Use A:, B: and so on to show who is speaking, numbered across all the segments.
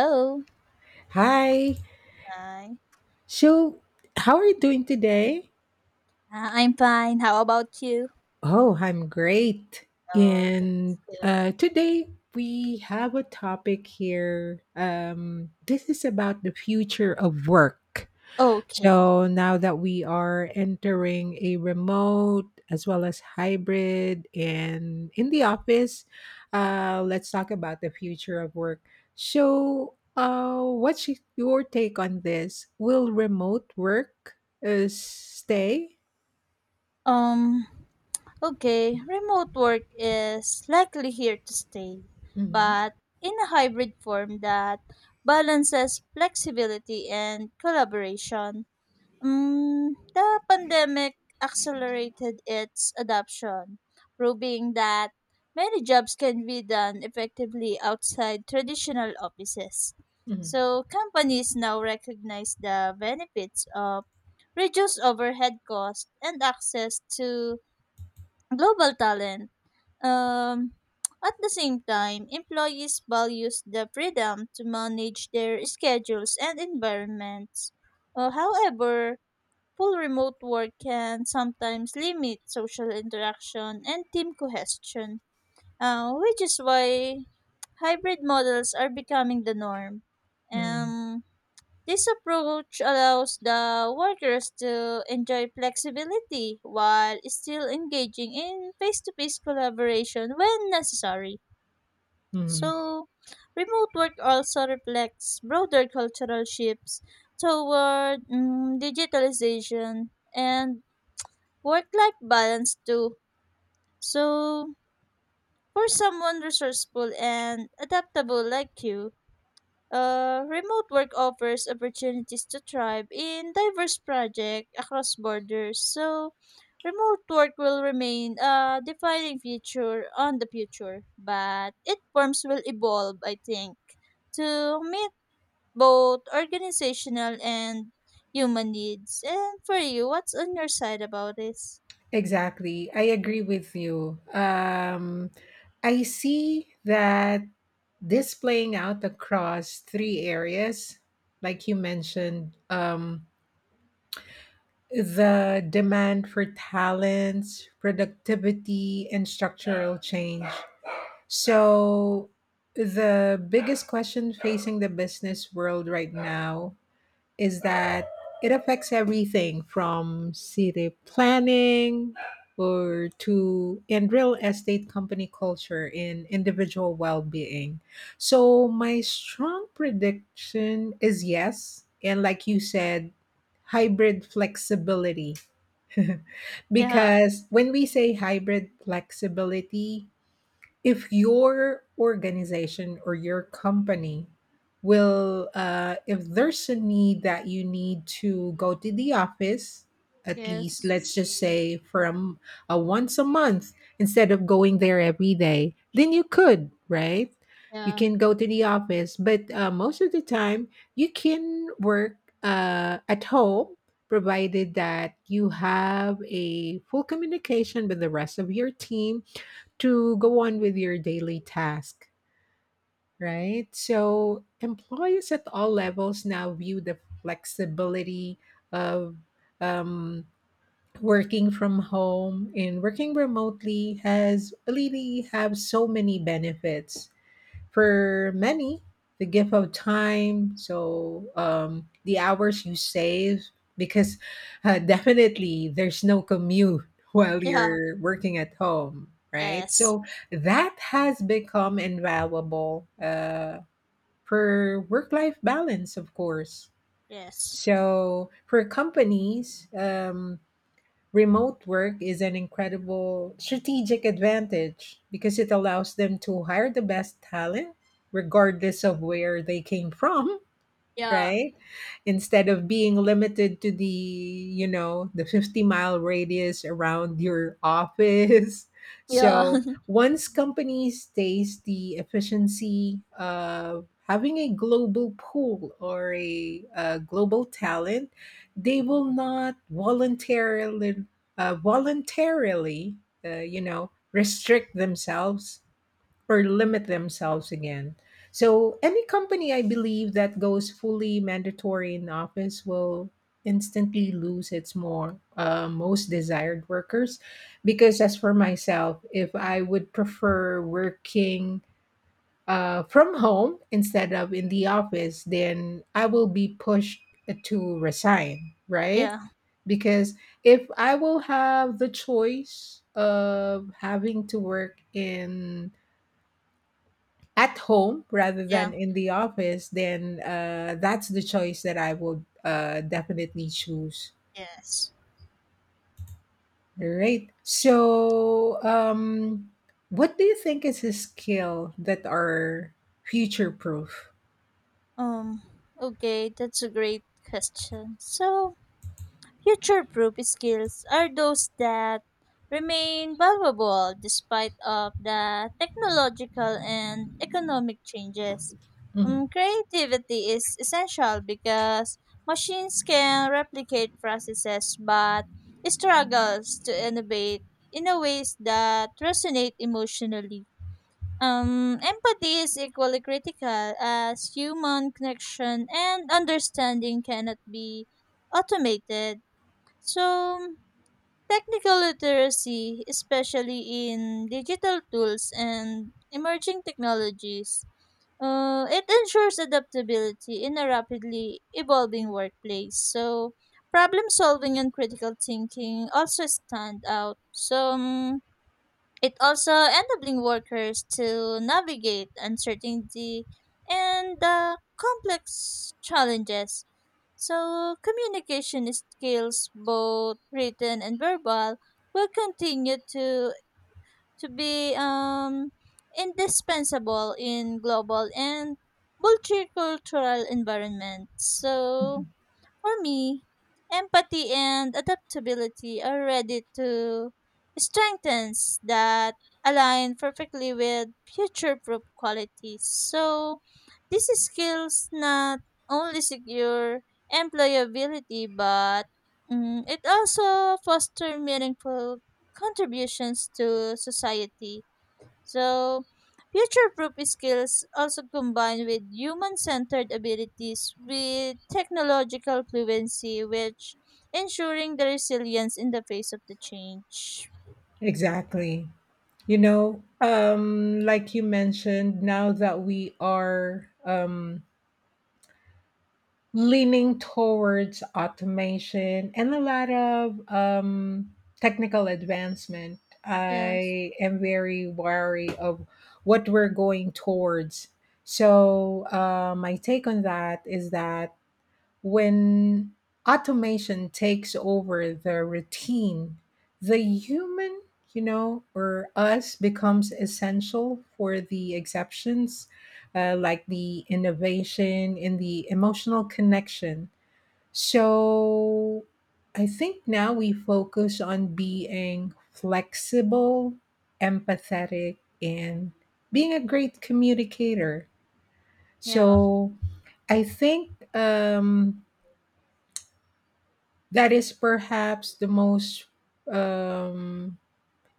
A: Hello.
B: Hi.
A: Hi.
B: So, how are you doing today?
A: I'm fine. How about you?
B: Oh, I'm great.
A: Oh,
B: And
A: that's good.
B: today we have a topic here. This is about the future of work.
A: Okay.
B: So now that we are entering a remote as well as hybrid and in the office, let's talk about the future of work. So, what's your take on this? Will remote work stay?
A: Um, okay. Remote work is likely here to stay,
B: Mm-hmm.
A: but in a hybrid form that balances flexibility and collaboration. The pandemic accelerated its adoption, proving that many jobs can be done effectively outside traditional offices.
B: Mm-hmm.
A: So, companies now recognize the benefits of reduced overhead costs and access to global talent. Um, at the same time, employees values the freedom to manage their schedules and environments. However, full remote work can sometimes limit social interaction and team cohesion, which is why hybrid models are becoming the norm.
B: mm-hmm,
A: Um, this approach allows the workers to enjoy flexibility while still engaging in face to face collaboration when necessary.
B: mm-hmm.
A: So, remote work also reflects broader cultural shifts toward digitalization and work life balance too. So, for someone resourceful and adaptable like you, remote work offers opportunities to thrive in diverse projects across borders. So, remote work will remain a defining feature on the future, but its forms will evolve, I think, to meet both organizational and human needs. And for you, what's on your side about this?
B: Exactly. I agree with you. I see that this playing out across three areas, like you mentioned, the demand for talents, productivity, and structural change. So, the biggest question facing the business world right now is that it affects everything from city planning or to and real estate company culture and individual well-being. So my strong prediction is yes, and like you said, hybrid flexibility.
A: Yeah.
B: Because when we say hybrid flexibility, if your organization or your company will if there's a need that you need to go to the office, at least,
A: Yes.
B: let's just say, from a once a month instead of going there every day, then you could, right? You
A: Yeah.
B: can go to the office, but most of the time you can work at home, provided that you have a full communication with the rest of your team to go on with your daily task, right? So, employees at all levels now view the flexibility of um, working from home and working remotely has really have so many benefits for many, the gift of time, so the hours you save, because definitely there's no commute while
A: Yeah.
B: you're working at home, right?
A: Yes.
B: So that has become invaluable for work life balance, of course.
A: Yes.
B: So for companies, remote work is an incredible strategic advantage because it allows them to hire the best talent, regardless of where they came from,
A: Yeah.
B: right? Instead of being limited to the 50-mile mile radius around your office.
A: Yeah.
B: So once companies taste the efficiency of having a global pool or a global talent, they will not voluntarily, uh, voluntarily, restrict themselves or limit themselves again. So any company, I believe, that goes fully mandatory in office will instantly lose its more most desired workers because, as for myself, if I would prefer working from home instead of in the office, then I will be pushed to resign, right?
A: Yeah.
B: Because if I will have the choice of having to work in at home rather than
A: Yeah.
B: in the office, then that's the choice that I would definitely choose.
A: Yes.
B: Right. So, what do you think is a skill that are future proof?
A: Um. Okay, that's a great question. So, future proof skills are those that remain valuable despite of the technological and economic changes.
B: Mhm.
A: Creativity is essential because machines can replicate processes but struggles to innovate in a ways that resonate emotionally. Empathy is equally critical as human connection and understanding cannot be automated. So, technical literacy, especially in digital tools and emerging technologies, it ensures adaptability in a rapidly evolving workplace. So, problem solving and critical thinking also stand out. So, it also enabling workers to navigate uncertainty and complex challenges. So, communication skills, both written and verbal, will continue to be indispensable in global and multicultural environments. So,
B: Mhm.
A: for me, empathy and adaptability are ready to strengthens that align perfectly with future-proof qualities. So, these skills not only secure employability, but it also foster meaningful contributions to society. So, future proof skills also combine with human centered abilities with technological fluency, which ensuring the resilience in the face of the change.
B: Exactly. You know, like you mentioned, now that we are leaning towards automation and a lot of technical advancement.
A: Yes.
B: I am very wary of what we're going towards. So, my take on that is that when automation takes over the routine, the human, you know, or us becomes essential for the exceptions, like the innovation in the emotional connection. So I think now we focus on being flexible, empathetic, and being a great communicator.
A: Yeah.
B: So I think that is perhaps the most um,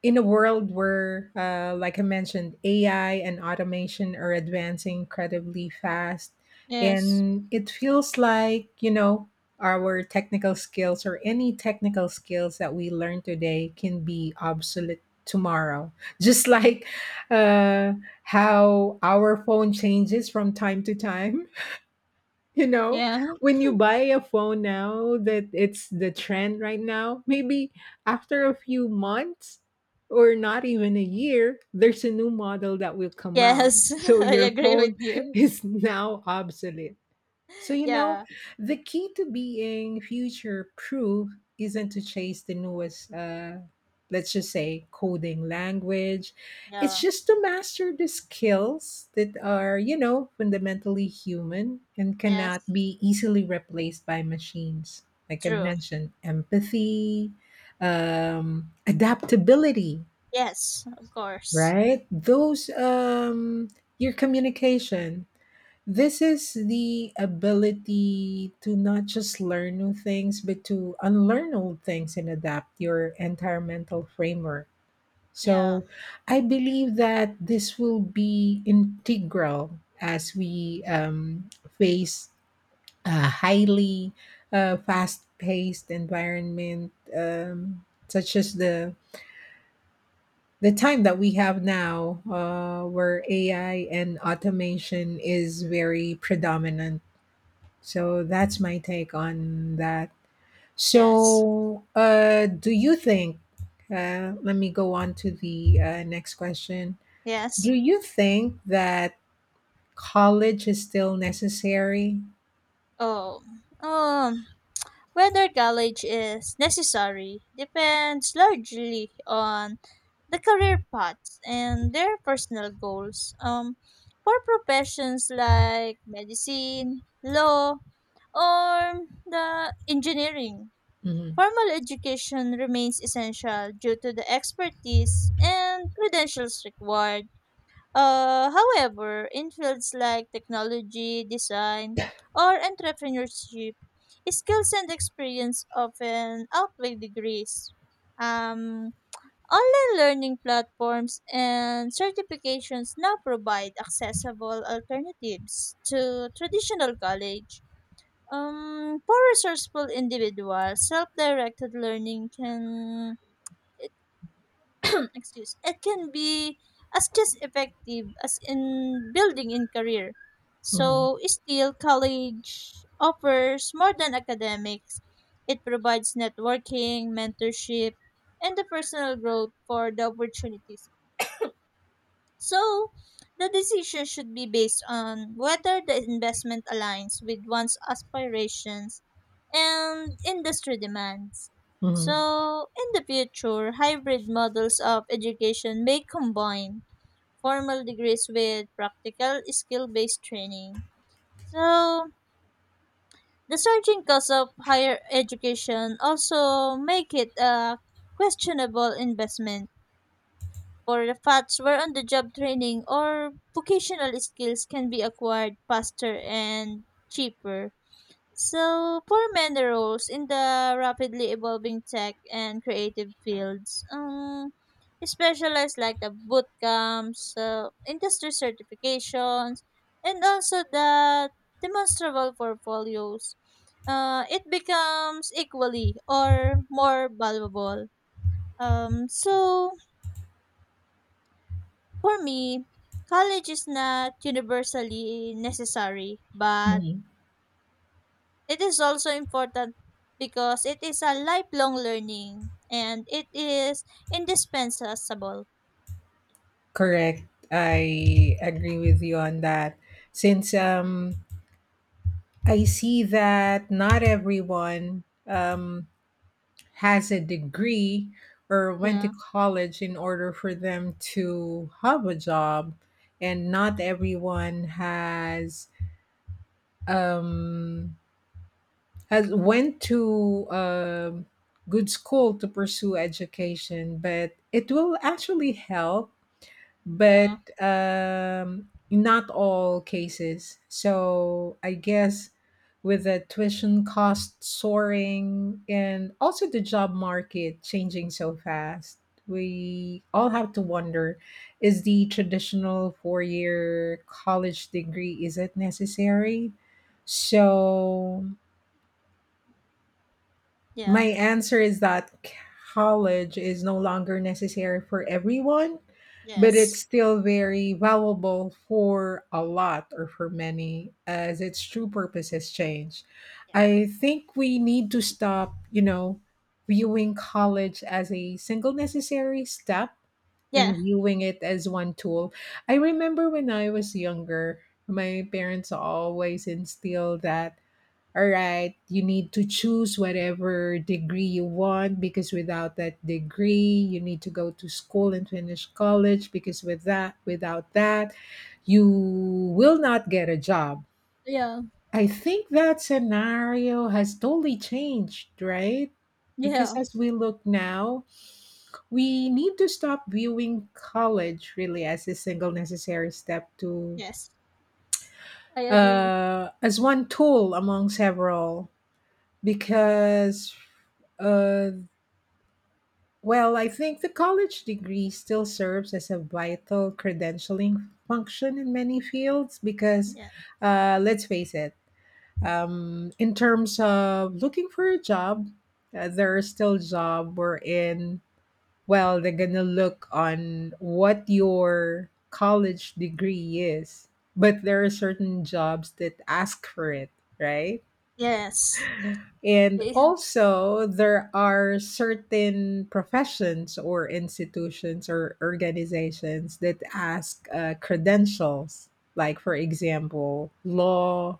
B: in a world where, like I mentioned, AI and automation are advancing incredibly fast.
A: Yes.
B: And it feels like, you know, our technical skills or any technical skills that we learn today can be obsolete tomorrow. Just like uh, how our phone changes from time to time, you know
A: Yeah.
B: when you buy a phone now that it's the trend right now, maybe after a few months or not even a year, there's a new model that will come out,
A: Yes,
B: so
A: I
B: your
A: agree with
B: phone
A: you.
B: is now obsolete. So, you know,
A: Yeah,
B: the key to being future proof isn't to chase the newest, let's just say, coding language. It's
A: yeah,
B: just to master the skills that are, you know, fundamentally human and cannot
A: yes,
B: be easily replaced by machines. Like I
A: true.
B: mentioned, empathy, adaptability,
A: Yes, of course.
B: right? Those, your communication. This is the ability to not just learn new things, but to unlearn old things and adapt your entire mental framework.
A: Yeah,
B: So I believe that this will be integral as we face a highly fast paced environment, such as the time that we have now, where AI and automation is very predominant, so that's my take on that.
A: yes,
B: So, do you think? Let me go on to the next question.
A: yes.
B: Do you think that college is still necessary?
A: Oh, um, whether college is necessary depends largely on the career paths and their personal goals. For professions like medicine, law, or the engineering,
B: Hmm.
A: formal education remains essential due to the expertise and credentials required. However, in fields like technology, design, or entrepreneurship, skills and experience often outweigh degrees. Um, online learning platforms and certifications now provide accessible alternatives to traditional college. For resourceful individuals, self-directed learning can excuse it can be as just effective as in building in career.
B: Hmm.
A: So still college offers more than academics. It provides networking mentorship and the personal growth for the opportunities. So, the decision should be based on whether the investment aligns with one's aspirations and industry demands.
B: Hmm.
A: So, in the future, hybrid models of education may combine formal degrees with practical skill based training. So, the surging cost of higher education also make it a questionable investment for the facts where on the job training or vocational skills can be acquired faster and cheaper. So, for many roles in the rapidly evolving tech and creative fields, specialized like the boot camps, industry certifications, and also the demonstrable portfolios, it becomes equally or more valuable. So, for me, college is not universally necessary, but
B: Hmm.
A: it is also important because it is a lifelong learning and it is indispensable.
B: Correct. I agree with you on that. Since I see that not everyone has a degree or went to
A: Yeah,
B: college in order for them to have a job, and not everyone has um, has went to a good school to pursue education. But it will actually help, but
A: yeah.
B: not all cases. So I guess, with the tuition cost soaring and also the job market changing so fast, we all have to wonder: is the traditional 4-year college degree, is it necessary? So my
A: Yeah.
B: answer is that college is no longer necessary for everyone, but it's
A: Yes.
B: still very valuable for a lot, or for many, as its true purpose has changed.
A: Yeah.
B: I think we need to stop, you know, viewing college as a single necessary step
A: Yeah.
B: and viewing it as one tool. I remember when I was younger, my parents always instilled that, all right, you need to choose whatever degree you want, because without that degree, you need to go to school and finish college, because with that, without that, you will not get a job.
A: Yeah,
B: I think that scenario has totally changed, right? Because,
A: yeah.
B: as we look now, we need to stop viewing college really as a single necessary step to
A: Yes. I agree.
B: as one tool among several, because Uh, well, I think the college degree still serves as a vital credentialing function in many fields, because,
A: Yeah.
B: let's face it, in terms of looking for a job, there are still job wherein, well, they're gonna look on what your college degree is, but there are certain jobs that ask for it, right?
A: Yes.
B: And
A: Eh,
B: also, there are certain professions or institutions or organizations that ask credentials, like, for example, law,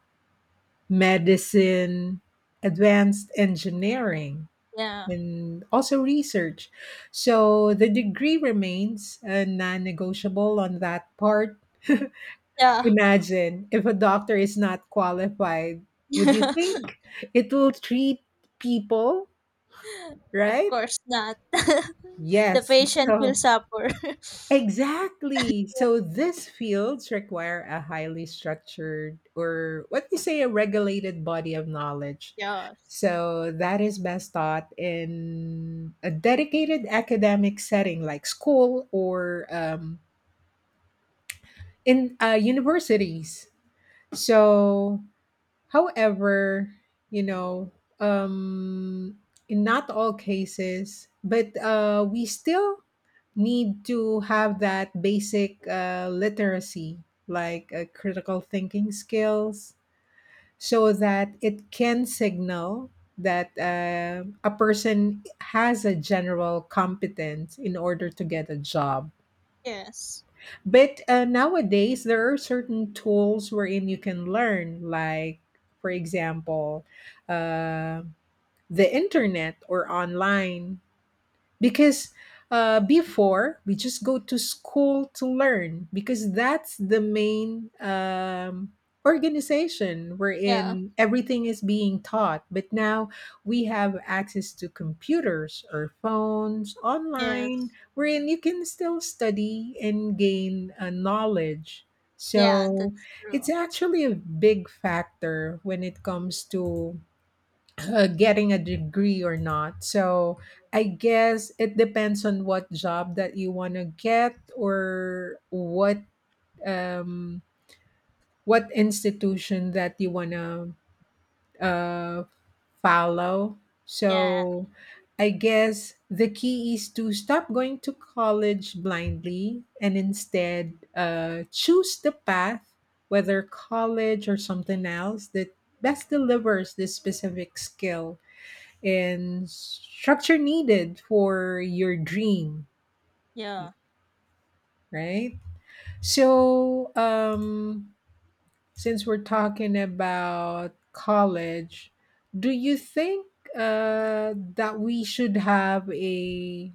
B: medicine, advanced engineering,
A: yeah.
B: and also research. So the degree remains non negotiable on that part.
A: Yeah.
B: Imagine if a doctor is not qualified, would you think it will treat people
A: Of
B: right?
A: course not. The
B: Yes.
A: patient will
B: So,
A: suffer.
B: exactly. So, these fields require a highly structured, or what you say, a regulated body of knowledge.
A: Yes.
B: So, that is best taught in a dedicated academic setting, like school, or in universities. So, however, you know, um, in not all cases, but we still need to have that basic literacy, like critical thinking skills, so that it can signal that a person has a general competence in order to get a job.
A: Yes.
B: But nowadays, there are certain tools wherein you can learn, like, for example, uh, the internet or online, because before we just go to school to learn, because that's the main organization
A: Yeah.
B: wherein everything is being taught, but now we have access to computers or phones online,
A: Yes.
B: wherein you can still study and gain knowledge,
A: Yeah,
B: so
A: that's true.
B: it's actually a big factor when it comes to getting a degree or not. So I guess it depends on what job that you want to get, or what um, what institution that you want to uh, follow.
A: Yeah,
B: So I guess the key is to stop going to college blindly and instead choose the path, whether college or something else, that best delivers this specific skill and structure needed for your dream,
A: yeah.
B: right? So, since we're talking about college, do you think that we should have a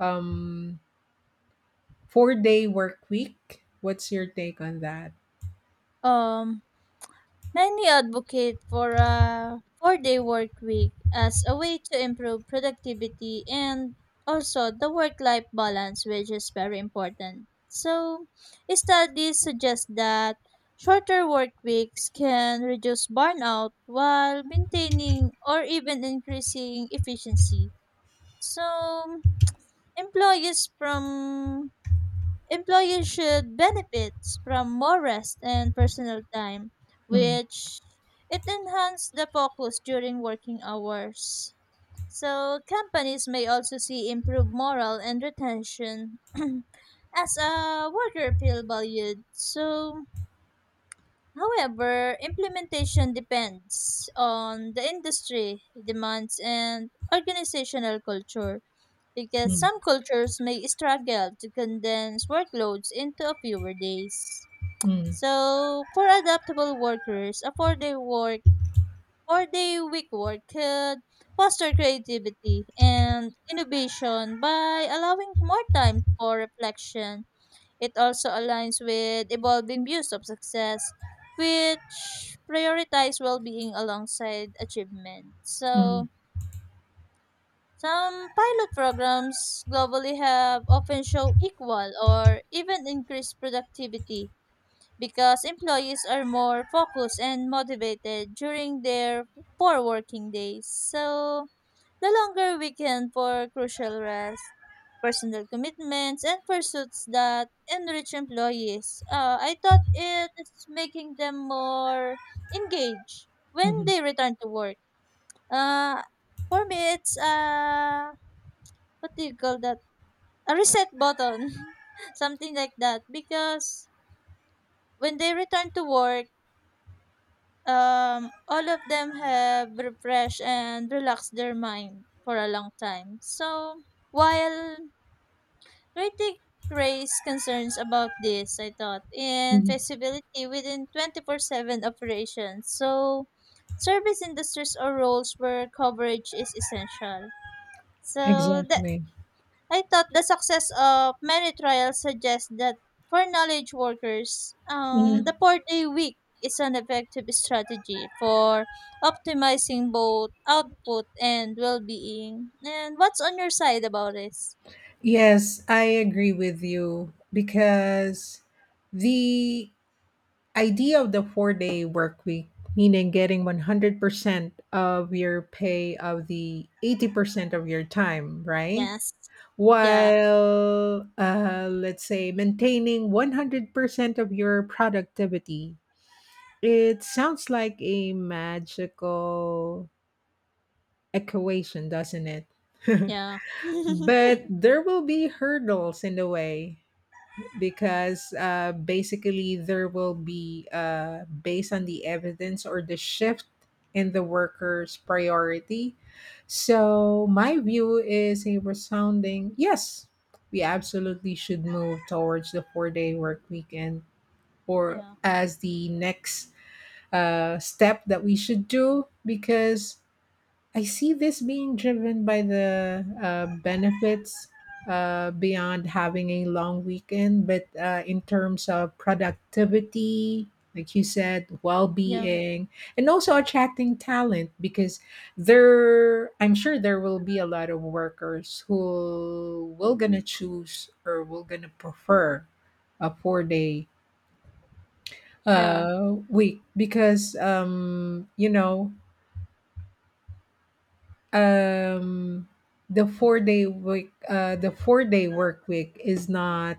B: um, 4-day work week? What's your take on that?
A: Um, many advocate for a four-day work week as a way to improve productivity and also the work-life balance, which is very important. So, studies suggest that shorter work weeks can reduce burnout while maintaining or even increasing efficiency. So, employees from employees should benefit from more rest and personal time,
B: Mm,
A: which it enhances the focus during working hours. So companies may also see improved morale and retention as a worker feel valued. So however, implementation depends on the industry, demands and organizational culture because
B: mm,
A: some cultures may struggle to condense workloads into a fewer days.
B: mm,
A: So, for adaptable workers, a four-day week work could foster creativity and innovation by allowing more time for reflection. It also aligns with evolving views of success, which prioritize well-being alongside achievement.
B: mm,
A: So, some pilot programs globally have often show equal or even increased productivity because employees are more focused and motivated during their four working days. So, the longer weekend for crucial rest, personal commitments, and pursuits that enrich employees. I thought it is making them more engaged when
B: mhm,
A: they return to work. Uh, for me, it's what do you call that? A reset button, something like that. Because when they return to work, all of them have refreshed and relaxed their mind for a long time. So while critic raised concerns about this, I thought in
B: mhm.
A: feasibility within 24/7 operations. So service industries or roles where coverage is essential. So that
B: Exactly.
A: I thought the success of many trials suggests that for knowledge workers,
B: Mhm.
A: the 4-day week is an effective strategy for optimizing both output and well being. And what's on your side about this?
B: Yes, I agree with you because the idea of the 4-day work week, meaning getting 100% of your pay of the 80% of your time, right?
A: Yes. Yeah.
B: While, let's say, maintaining 100% of your productivity. It sounds like a magical equation, doesn't it?
A: Yeah.
B: But there will be hurdles in the way, because basically there will be based on the evidence or the shift in the worker's priority. So my view is a resounding yes. We absolutely should move towards the four-day work weekend or
A: Yeah.
B: as the next step that we should do because I see this being driven by the benefits beyond having a long weekend, but in terms of productivity, like you said, well
A: Yeah.
B: being, and also attracting talent because I'm sure there will be a lot of workers who will gonna choose or will gonna prefer a 4 day
A: Yeah.
B: week because um the 4 day week the 4 day work week is not.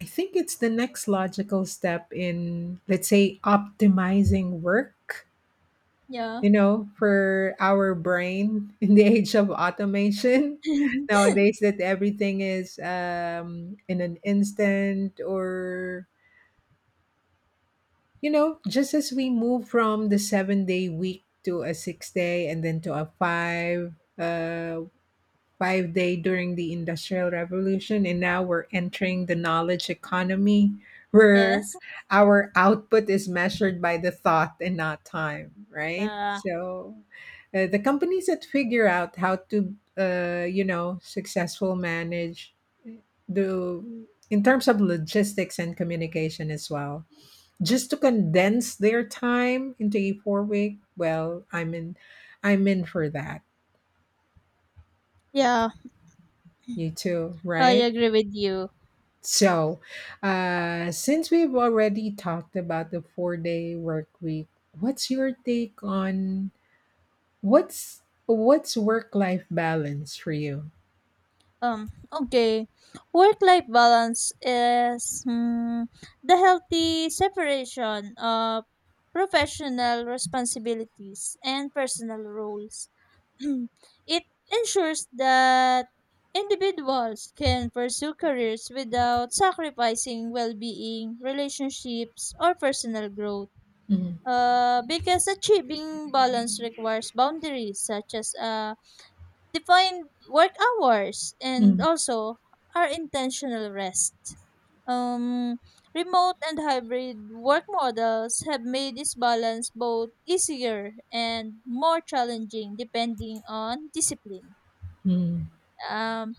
B: I think it's the next logical step in, let's say, optimizing work,
A: Yeah.
B: you know, for our brain in the age of automation nowadays that everything is in an instant. Or, you know, just as we move from the 7 day week to a 6 day and then to a five 5 day during the Industrial Revolution, and now we're entering the knowledge economy where
A: Yes.
B: our output is measured by the thought and not time, right?
A: Yeah.
B: So the companies that figure out how to, you know, successful manage the in terms of logistics and communication as well, just to condense their time into a 4 week, well, I'm in for that.
A: Yeah.
B: You too,
A: I
B: right?
A: agree with you.
B: So, since we've already talked about the four-day work week, what's your take on what's work-life balance for you?
A: Okay. Work life balance is the healthy separation of professional responsibilities and personal roles. It ensures that individuals can pursue careers without sacrificing well being, relationships, or personal growth.
B: Mm,
A: Because achieving balance requires boundaries such as define work hours and
B: mm,
A: also our intentional rest. Um, remote and hybrid work models have made this balance both easier and more challenging depending on discipline.
B: mm.
A: Um,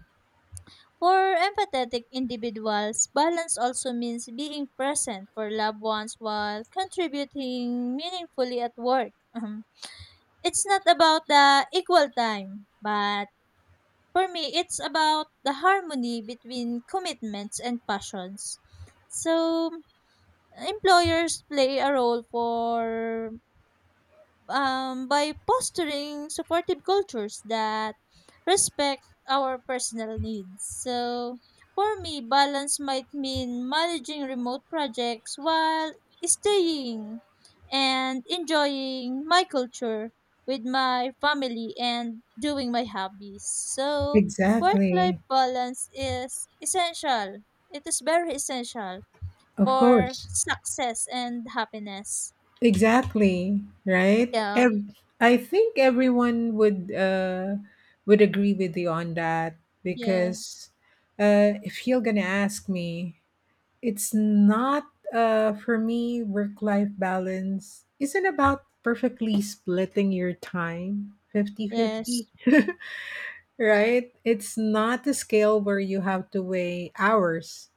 A: for empathetic individuals, balance also means being present for loved ones while contributing meaningfully at work. It's not about the equal time, but for me, it's about the harmony between commitments and passions. So, employers play a role for by fostering supportive cultures that respect our personal needs. So, for me, balance might mean managing remote projects while staying and enjoying my culture with my family and doing my hobbies. So, work life
B: Exactly.
A: balance is essential. It is very essential
B: Of
A: for
B: course.
A: success and happiness.
B: Exactly. Right.
A: Yeah.
B: I think everyone would agree with you on that
A: Yeah.
B: because if you're gonna ask me. It's not for me, work life balance isn't about perfectly splitting your time
A: Yes.
B: 50-50, right? It's not a scale where you have to weigh hours,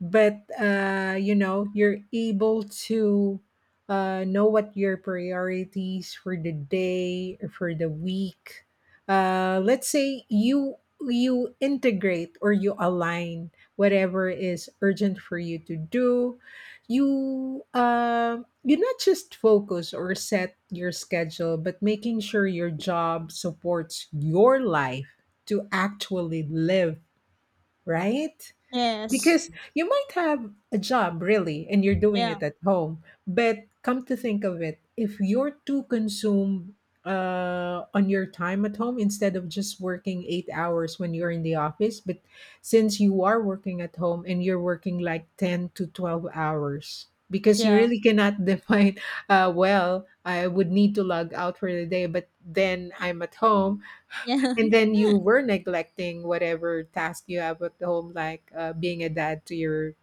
B: but you know, you're able to know what your priorities for the day or for the week. Let's say you integrate or you align whatever is urgent for you to do. you uh, you not just focus or set your schedule, but making sure your job supports your life, to actually live, right?
A: Yes.
B: Because you might have a job really and you're doing
A: Yeah.
B: it at home, but come to think of it, if you're too consumed on your time at home instead of just working 8 hours when you're in the office. But since you are working at home and you're working like 10 to 12 hours, because you
A: Yeah.
B: really cannot define, well, I would need to log out for the day, but then I'm at home,
A: Yeah.
B: and then you were neglecting whatever task you have at home, like being a dad to your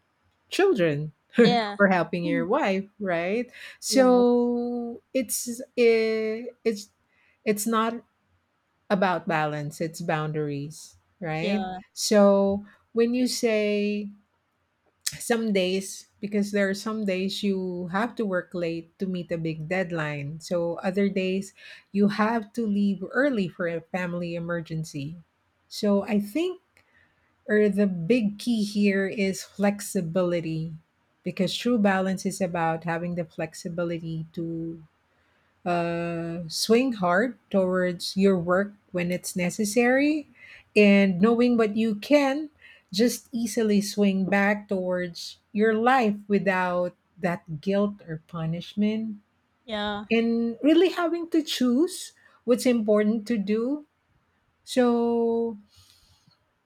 B: children
A: Yeah.
B: or helping your
A: Mm.
B: wife, right?
A: Yes.
B: So it's it's not about balance, it's boundaries, right?
A: Yeah.
B: So when you say some days, because there are some days you have to work late to meet a big deadline. So other days, you have to leave early for a family emergency. So I think, or the big key here is flexibility, because true balance is about having the flexibility to swing hard towards your work when it's necessary, and knowing what you can just easily swing back towards your life without that guilt or punishment,
A: Yeah.
B: and really having to choose what's important to do. So,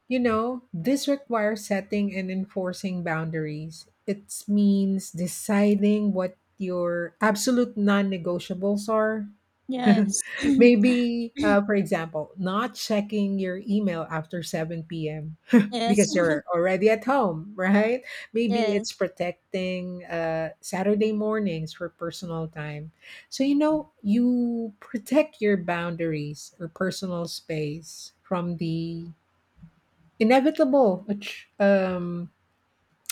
B: you know, this requires setting and enforcing boundaries. It means deciding what your absolute non-negotiables are.
A: Yes.
B: Maybe, for example, not checking your email after 7 p.m.
A: Yes.
B: because you're already at home, right? Maybe
A: Yes.
B: it's protecting Saturday mornings for personal time. So, you know, you protect your boundaries or personal space from the inevitable, which, um,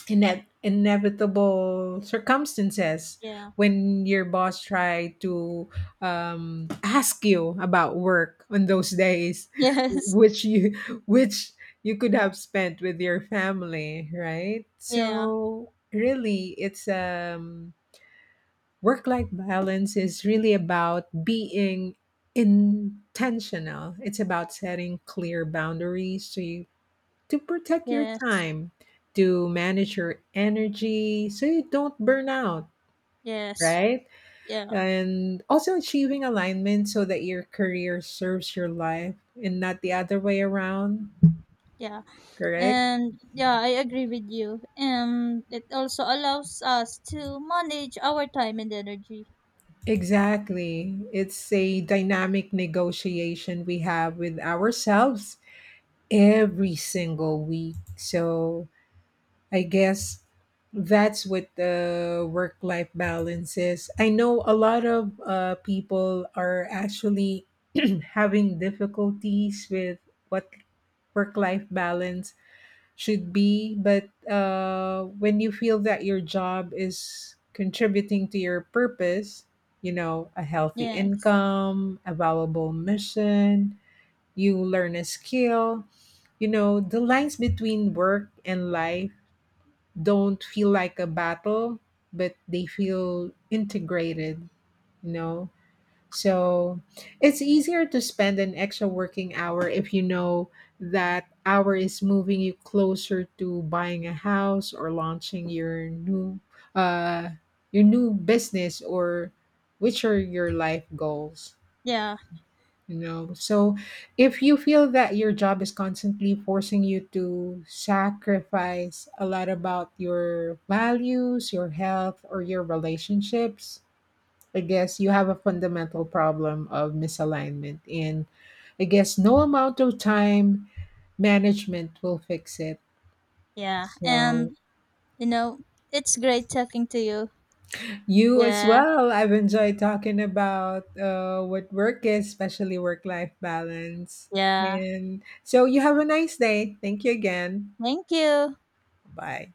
B: ine- inevitable circumstances
A: Yeah.
B: when your boss try to ask you about work on those days,
A: Yes.
B: which which you could have spent with your family, right?
A: Yeah.
B: So really, it's work life balance is really about being intentional. It's about setting clear boundaries, so you to protect your
A: Yes.
B: time, to manage your energy so you don't burn out,
A: Yes.
B: right?
A: Yeah.
B: And also achieving alignment so that your career serves your life and not the other way around,
A: Yeah.
B: correct?
A: And yeah, I agree with you. And it also allows us to manage our time and energy.
B: Exactly. It's a dynamic negotiation we have with ourselves every single week. So I guess that's what the work life balance is. I know a lot of people are actually having difficulties with what work life balance should be, but when you feel that your job is contributing to your purpose, you know, a healthy
A: Yes.
B: income, a valuable mission, you learn a skill, you know, the lines between work and life don't feel like a battle, but they feel integrated, you know. So it's easier to spend an extra working hour if you know that hour is moving you closer to buying a house or launching uh your new business or which are your life goals.
A: Yeah.
B: You know, so if you feel that your job is constantly forcing you to sacrifice a lot about your values, your health, or your relationships, I guess you have a fundamental problem of misalignment. And I guess no amount of time management will fix it.
A: Yeah.
B: So,
A: And you know, it's great talking to you.
B: you as
A: Yeah.
B: well. I've enjoyed talking about what work is, especially work life balance.
A: Yeah.
B: And so you have a nice day. Thank you again.
A: Thank you.
B: Bye.